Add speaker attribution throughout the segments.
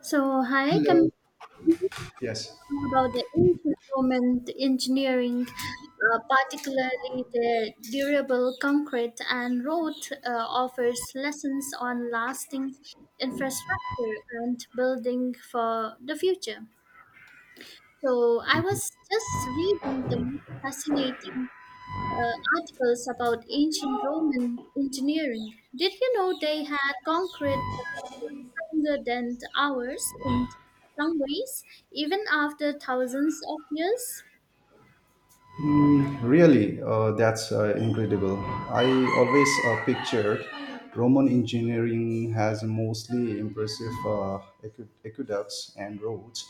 Speaker 1: So, hi,
Speaker 2: Hello.
Speaker 1: can we talk
Speaker 2: Yes.
Speaker 1: about the ancient Roman engineering, particularly the durable concrete and road offers lessons on lasting infrastructure and building for the future. So, I was just reading the most fascinating articles about ancient Roman engineering. Did you know they had concrete stronger than ours in some ways, even after thousands of years.
Speaker 2: Mm, really, that's incredible. I always pictured Roman engineering has mostly impressive aqueducts and roads,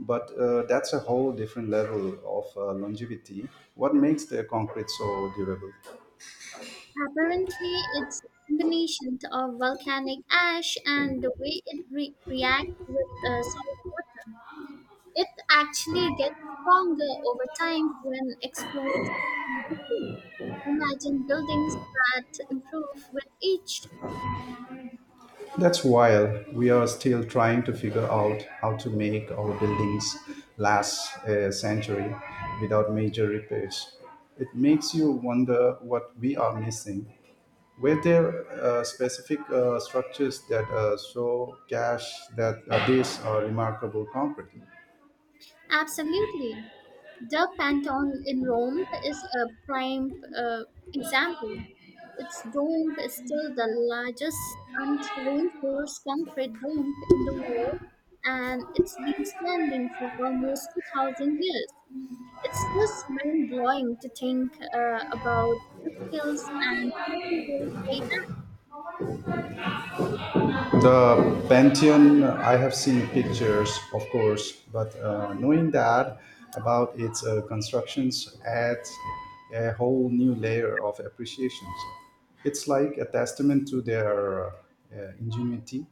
Speaker 2: but that's a whole different level of longevity. What makes the concrete so durable?
Speaker 1: Apparently, it's a combination of volcanic ash and the way it reacts with solid wood. It actually gets stronger over time when explodes. Imagine buildings that improve with each.
Speaker 2: That's while we are still trying to figure out how to make our buildings last a century without major repairs. It makes you wonder what we are missing. Were there specific structures that show cash that these are remarkable concrete?
Speaker 1: Absolutely. The Pantheon in Rome is a prime example. Its dome is still the largest unreinforced concrete dome in the world, and it's been standing for almost 2,000 years. It's just mind blowing to think about the skills and materials they
Speaker 2: The Pantheon, I have seen pictures, of course, but knowing that about its constructions adds a whole new layer of appreciations. It's like a testament to their ingenuity.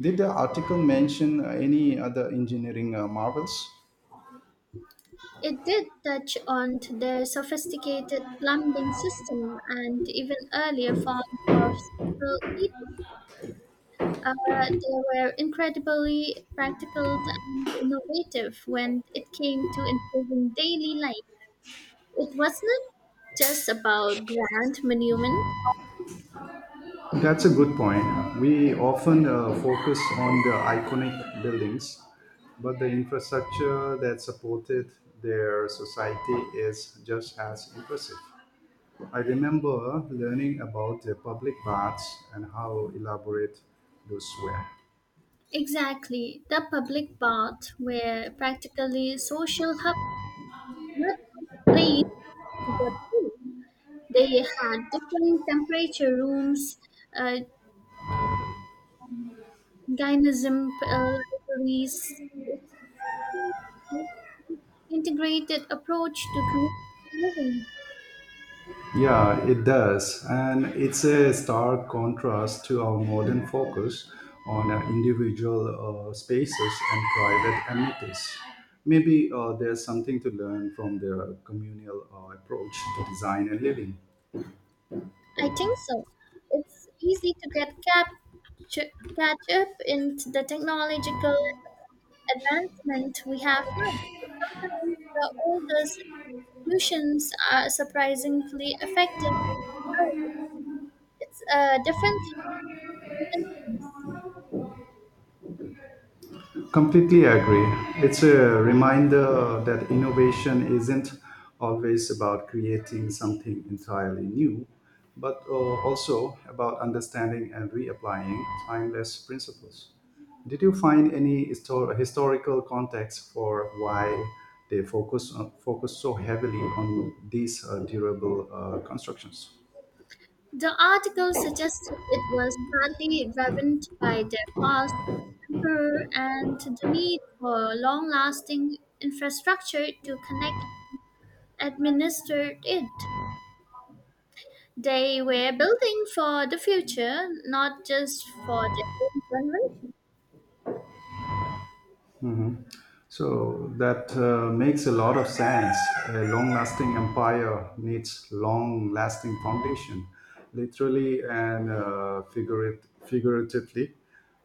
Speaker 2: Did the article mention any other engineering marvels?
Speaker 1: had. It did touch on to their sophisticated plumbing system and even earlier form of central heating. Uh, they were incredibly practical and innovative when it came to improving daily life. It wasn't just about grand monument.
Speaker 2: That's a good point. We often focus on the iconic buildings, but the infrastructure that supported their society is just as impressive. I remember learning about the public baths and how elaborate those were.
Speaker 1: Exactly. The public baths were practically social hubs, not just places to go to. They had different temperature rooms, uh, gynism libraries. It's an integrated approach to community living.
Speaker 2: Yeah, it does. And it's a stark contrast to our modern focus on individual spaces and private amenities. Maybe there's something to learn from their communal approach to design and living.
Speaker 1: I think so. It's easy to get catch up in the technological advancement we have now. Sometimes the oldest solutions are surprisingly effective. It's a different kind of things.
Speaker 2: Completely agree. It's a reminder that innovation isn't always about creating something entirely new, but also about understanding and reapplying timeless principles. Did you find any historical context for why they focus so heavily on these durable constructions?
Speaker 1: The article suggested it was partly driven by their past emperor and the need for long-lasting infrastructure to connect administer it. They were building for the future, not just for their own generation.
Speaker 2: So that makes a lot of sense. A long lasting empire needs long lasting foundation, literally and figuratively.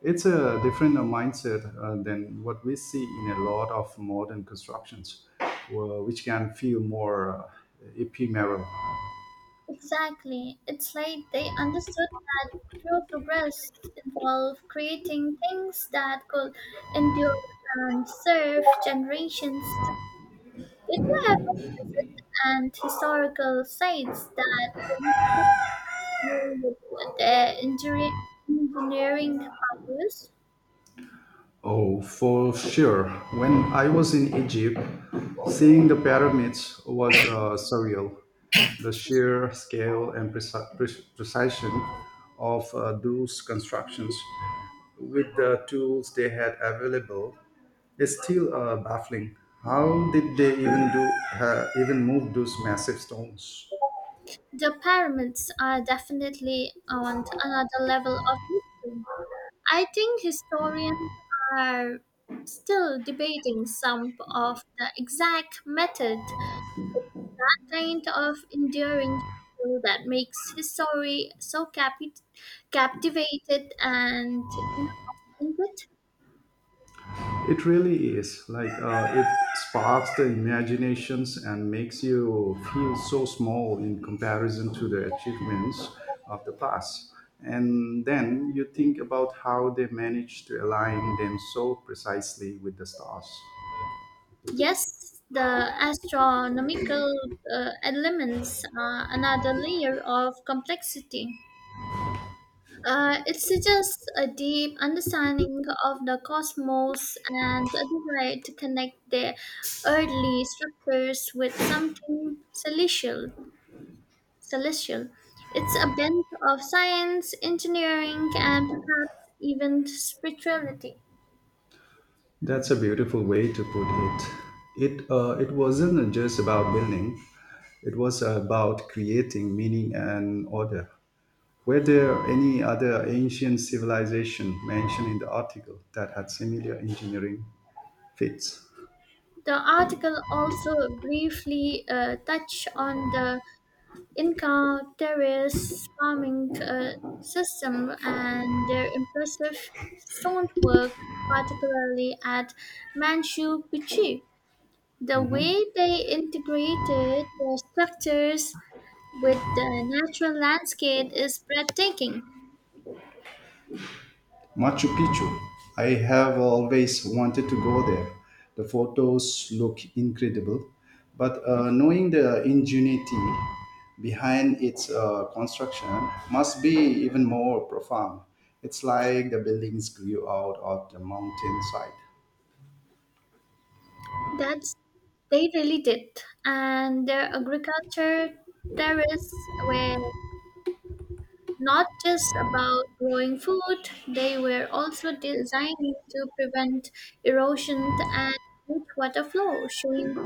Speaker 2: It's a different mindset than what we see in a lot of modern constructions, which can feel more ephemeral.
Speaker 1: Exactly. It's like they understood that true progress involved creating things that could endure and serve generations. Did you ever visit and historical sites that you with their engineering powers?
Speaker 2: Oh, for sure. When I was in Egypt, seeing the pyramids was surreal. The
Speaker 1: Excuse me.
Speaker 2: sheer scale and precision of those constructions with the tools they had available is still baffling. How did they even move those massive stones?
Speaker 1: The pyramids are definitely on another level of mystery. I think historians are still debating some of the exact method, kind of enduring feel that makes history so captivated and intricate.
Speaker 2: It really is. Like it sparks the imaginations and makes you feel so small in comparison to the achievements of the past. And then you think about how they managed to align them so precisely with the stars.
Speaker 1: Yes, the astronomical elements are another layer of complexity. It suggests a deep understanding of the cosmos and a desire to connect their earthly structures with something celestial. Celestial. It's a blend of science, engineering, and perhaps even spirituality.
Speaker 2: That's a beautiful way to put it. It wasn't just about building; it was about creating meaning and order. Were there any other ancient civilization mentioned in the article that had similar engineering feats?
Speaker 1: The article also briefly touched on the Inca terrace farming system and their impressive stonework, particularly at Manchu Picchu. The
Speaker 2: Mhm.
Speaker 1: way they integrated their structures with the natural landscape is breathtaking.
Speaker 2: Machu Picchu. I have always wanted to go there. The photos look incredible, but knowing the ingenuity behind its construction must be even more profound. It's like the buildings grew out of the mountainside.
Speaker 1: That's they really did. And their agriculture terrace were not just about growing food, they were also designed to prevent erosion and rich water flow, showing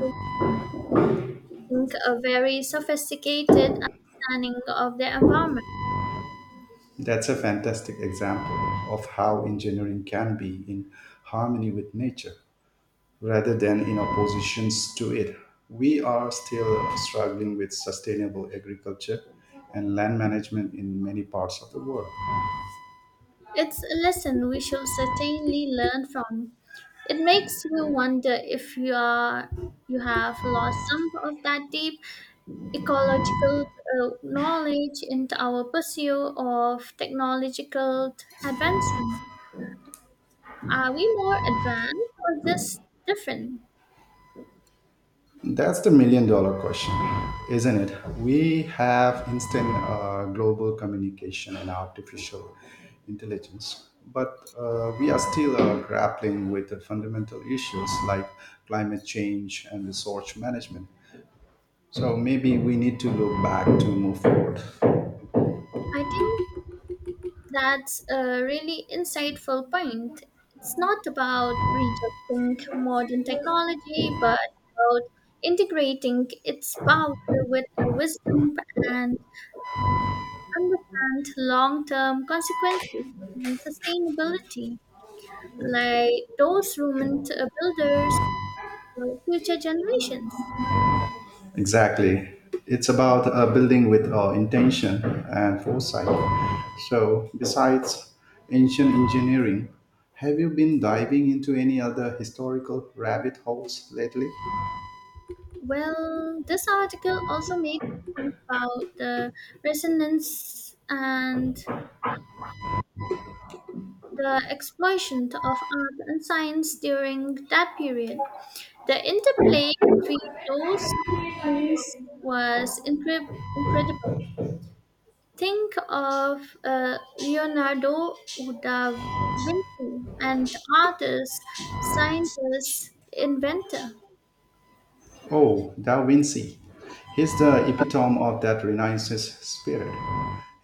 Speaker 1: think, a very sophisticated understanding of the environment.
Speaker 2: That's a fantastic example of how engineering can be in harmony with nature rather than in oppositions to it. We are still struggling with sustainable agriculture and land management in many parts of the world.
Speaker 1: It's a lesson we should certainly learn from. It makes you wonder if you are you have lost some of that deep ecological knowledge into our pursuit of technological advancement. Are we more advanced or just different?
Speaker 2: That's the million dollar question, isn't it? We have instant global communication and artificial intelligence, but we are still grappling with the fundamental issues like climate change and resource management. So maybe we need to look back to move forward.
Speaker 1: I think that's a really insightful point. It's not about rejecting modern technology, but about integrating its power with a wisdom and understand long term consequences and sustainability, like those Roman builders for future generations.
Speaker 2: Exactly. It's about building with intention and foresight. So, besides ancient engineering, have you been diving into any other historical rabbit holes lately?
Speaker 1: Well, this article also made point about the resonance and the exploitation of art and science during that period. The interplay between those disciplines was incredible. Think of Leonardo da Vinci, an artist, scientist, inventor.
Speaker 2: Oh, Da Vinci. He's the epitome of that Renaissance spirit.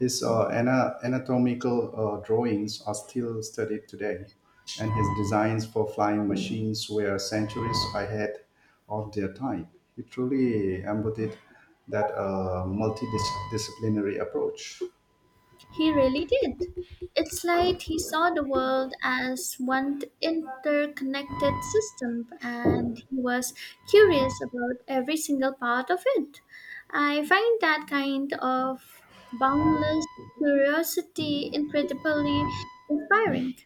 Speaker 2: His anatomical drawings are still studied today, and his designs for flying machines were centuries ahead of their time. He truly embodied that multidisciplinary approach.
Speaker 1: He really did. It's like he saw the world as one interconnected system and he was curious about every single part of it. I find that kind of boundless curiosity incredibly inspiring.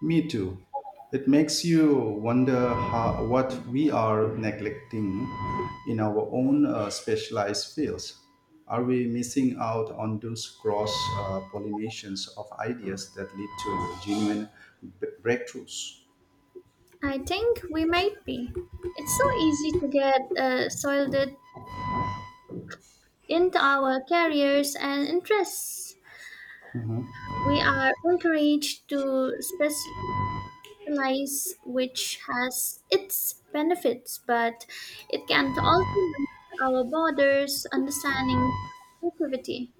Speaker 2: Me too. It makes you wonder what we are neglecting in our own specialized fields. Are we missing out on those cross pollinations of ideas that lead to genuine breakthroughs?
Speaker 1: I think we might be. It's so easy to get soiled into our careers and interests. We are encouraged to capitalize, which has its benefits, but it can also limit our borders, understanding, creativity.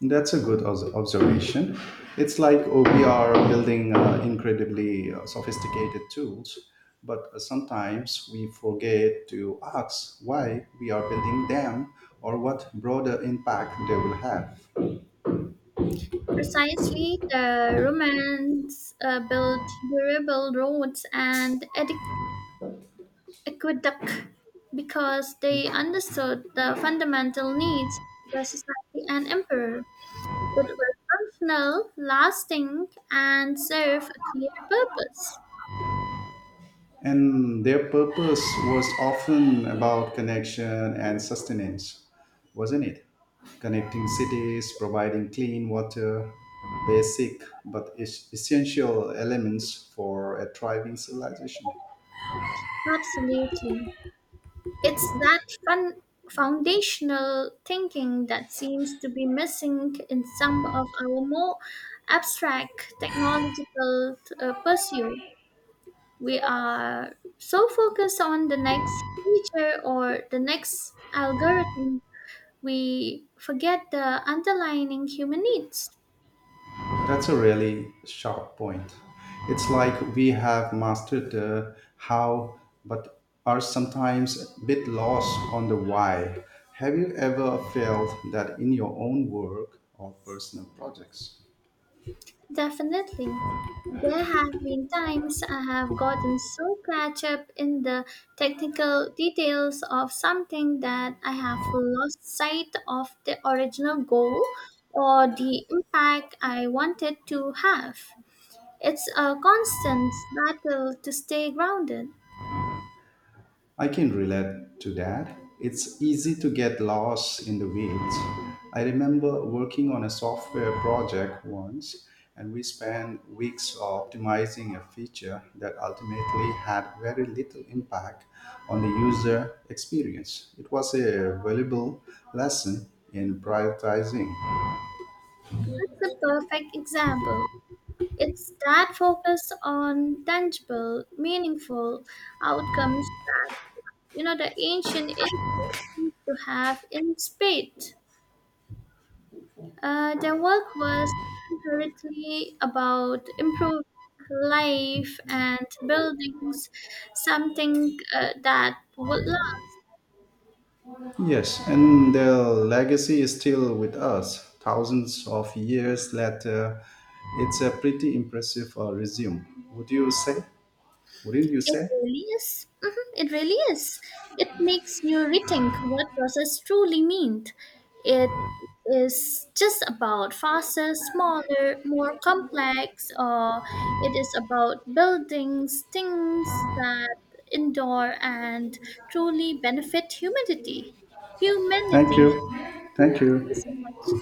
Speaker 2: That's a good observation. It's like oh, we are building incredibly sophisticated tools, but sometimes we forget to ask why we are building them or what broader impact they will have.
Speaker 1: Precisely, the Romans built durable roads and aqueduct because they understood the fundamental needs of the society and emperor. It was functional, lasting, and served a clear purpose.
Speaker 2: And their purpose was often about connection and sustenance, wasn't it? Connecting cities, providing clean water, basic but essential elements for a thriving civilization.
Speaker 1: Absolutely. It's that fun foundational thinking that seems to be missing in some of our more abstract technological pursuit. We are so focused on the next feature or the next algorithm, we forget the underlying human needs.
Speaker 2: That's a really sharp point. It's like we have mastered the how, but are sometimes a bit lost on the why. Have you ever felt that in your own work or personal projects?
Speaker 1: Definitely. There have been times I have gotten so catch up in the technical details of something that I have lost sight of the original goal or the impact I wanted to have. It's a constant battle to stay grounded.
Speaker 2: I can relate to that. It's easy to get lost in the weeds. I remember working on a software project once, and we spent weeks optimizing a feature that ultimately had very little impact on the user experience. It was a valuable lesson in prioritizing.
Speaker 1: That's a perfect example. It's that focus on tangible, meaningful outcomes you know the ancient Egypt seems to have in spate. Their work was hurriedly about improving life and buildings something that would last.
Speaker 2: Yes, and their legacy is still with us. Thousands of years later, it's a pretty impressive resume. Would you say? Wouldn't you
Speaker 1: It
Speaker 2: say?
Speaker 1: really is. Mhm, it really is. It makes you rethink what process truly means. It is just about faster, smaller, more complex, or it is about buildings, things that endure and truly benefit humanity.
Speaker 2: Thank
Speaker 1: Humanity.
Speaker 2: you.
Speaker 1: Mm,
Speaker 2: Thank
Speaker 1: thank you so
Speaker 2: you.
Speaker 1: much.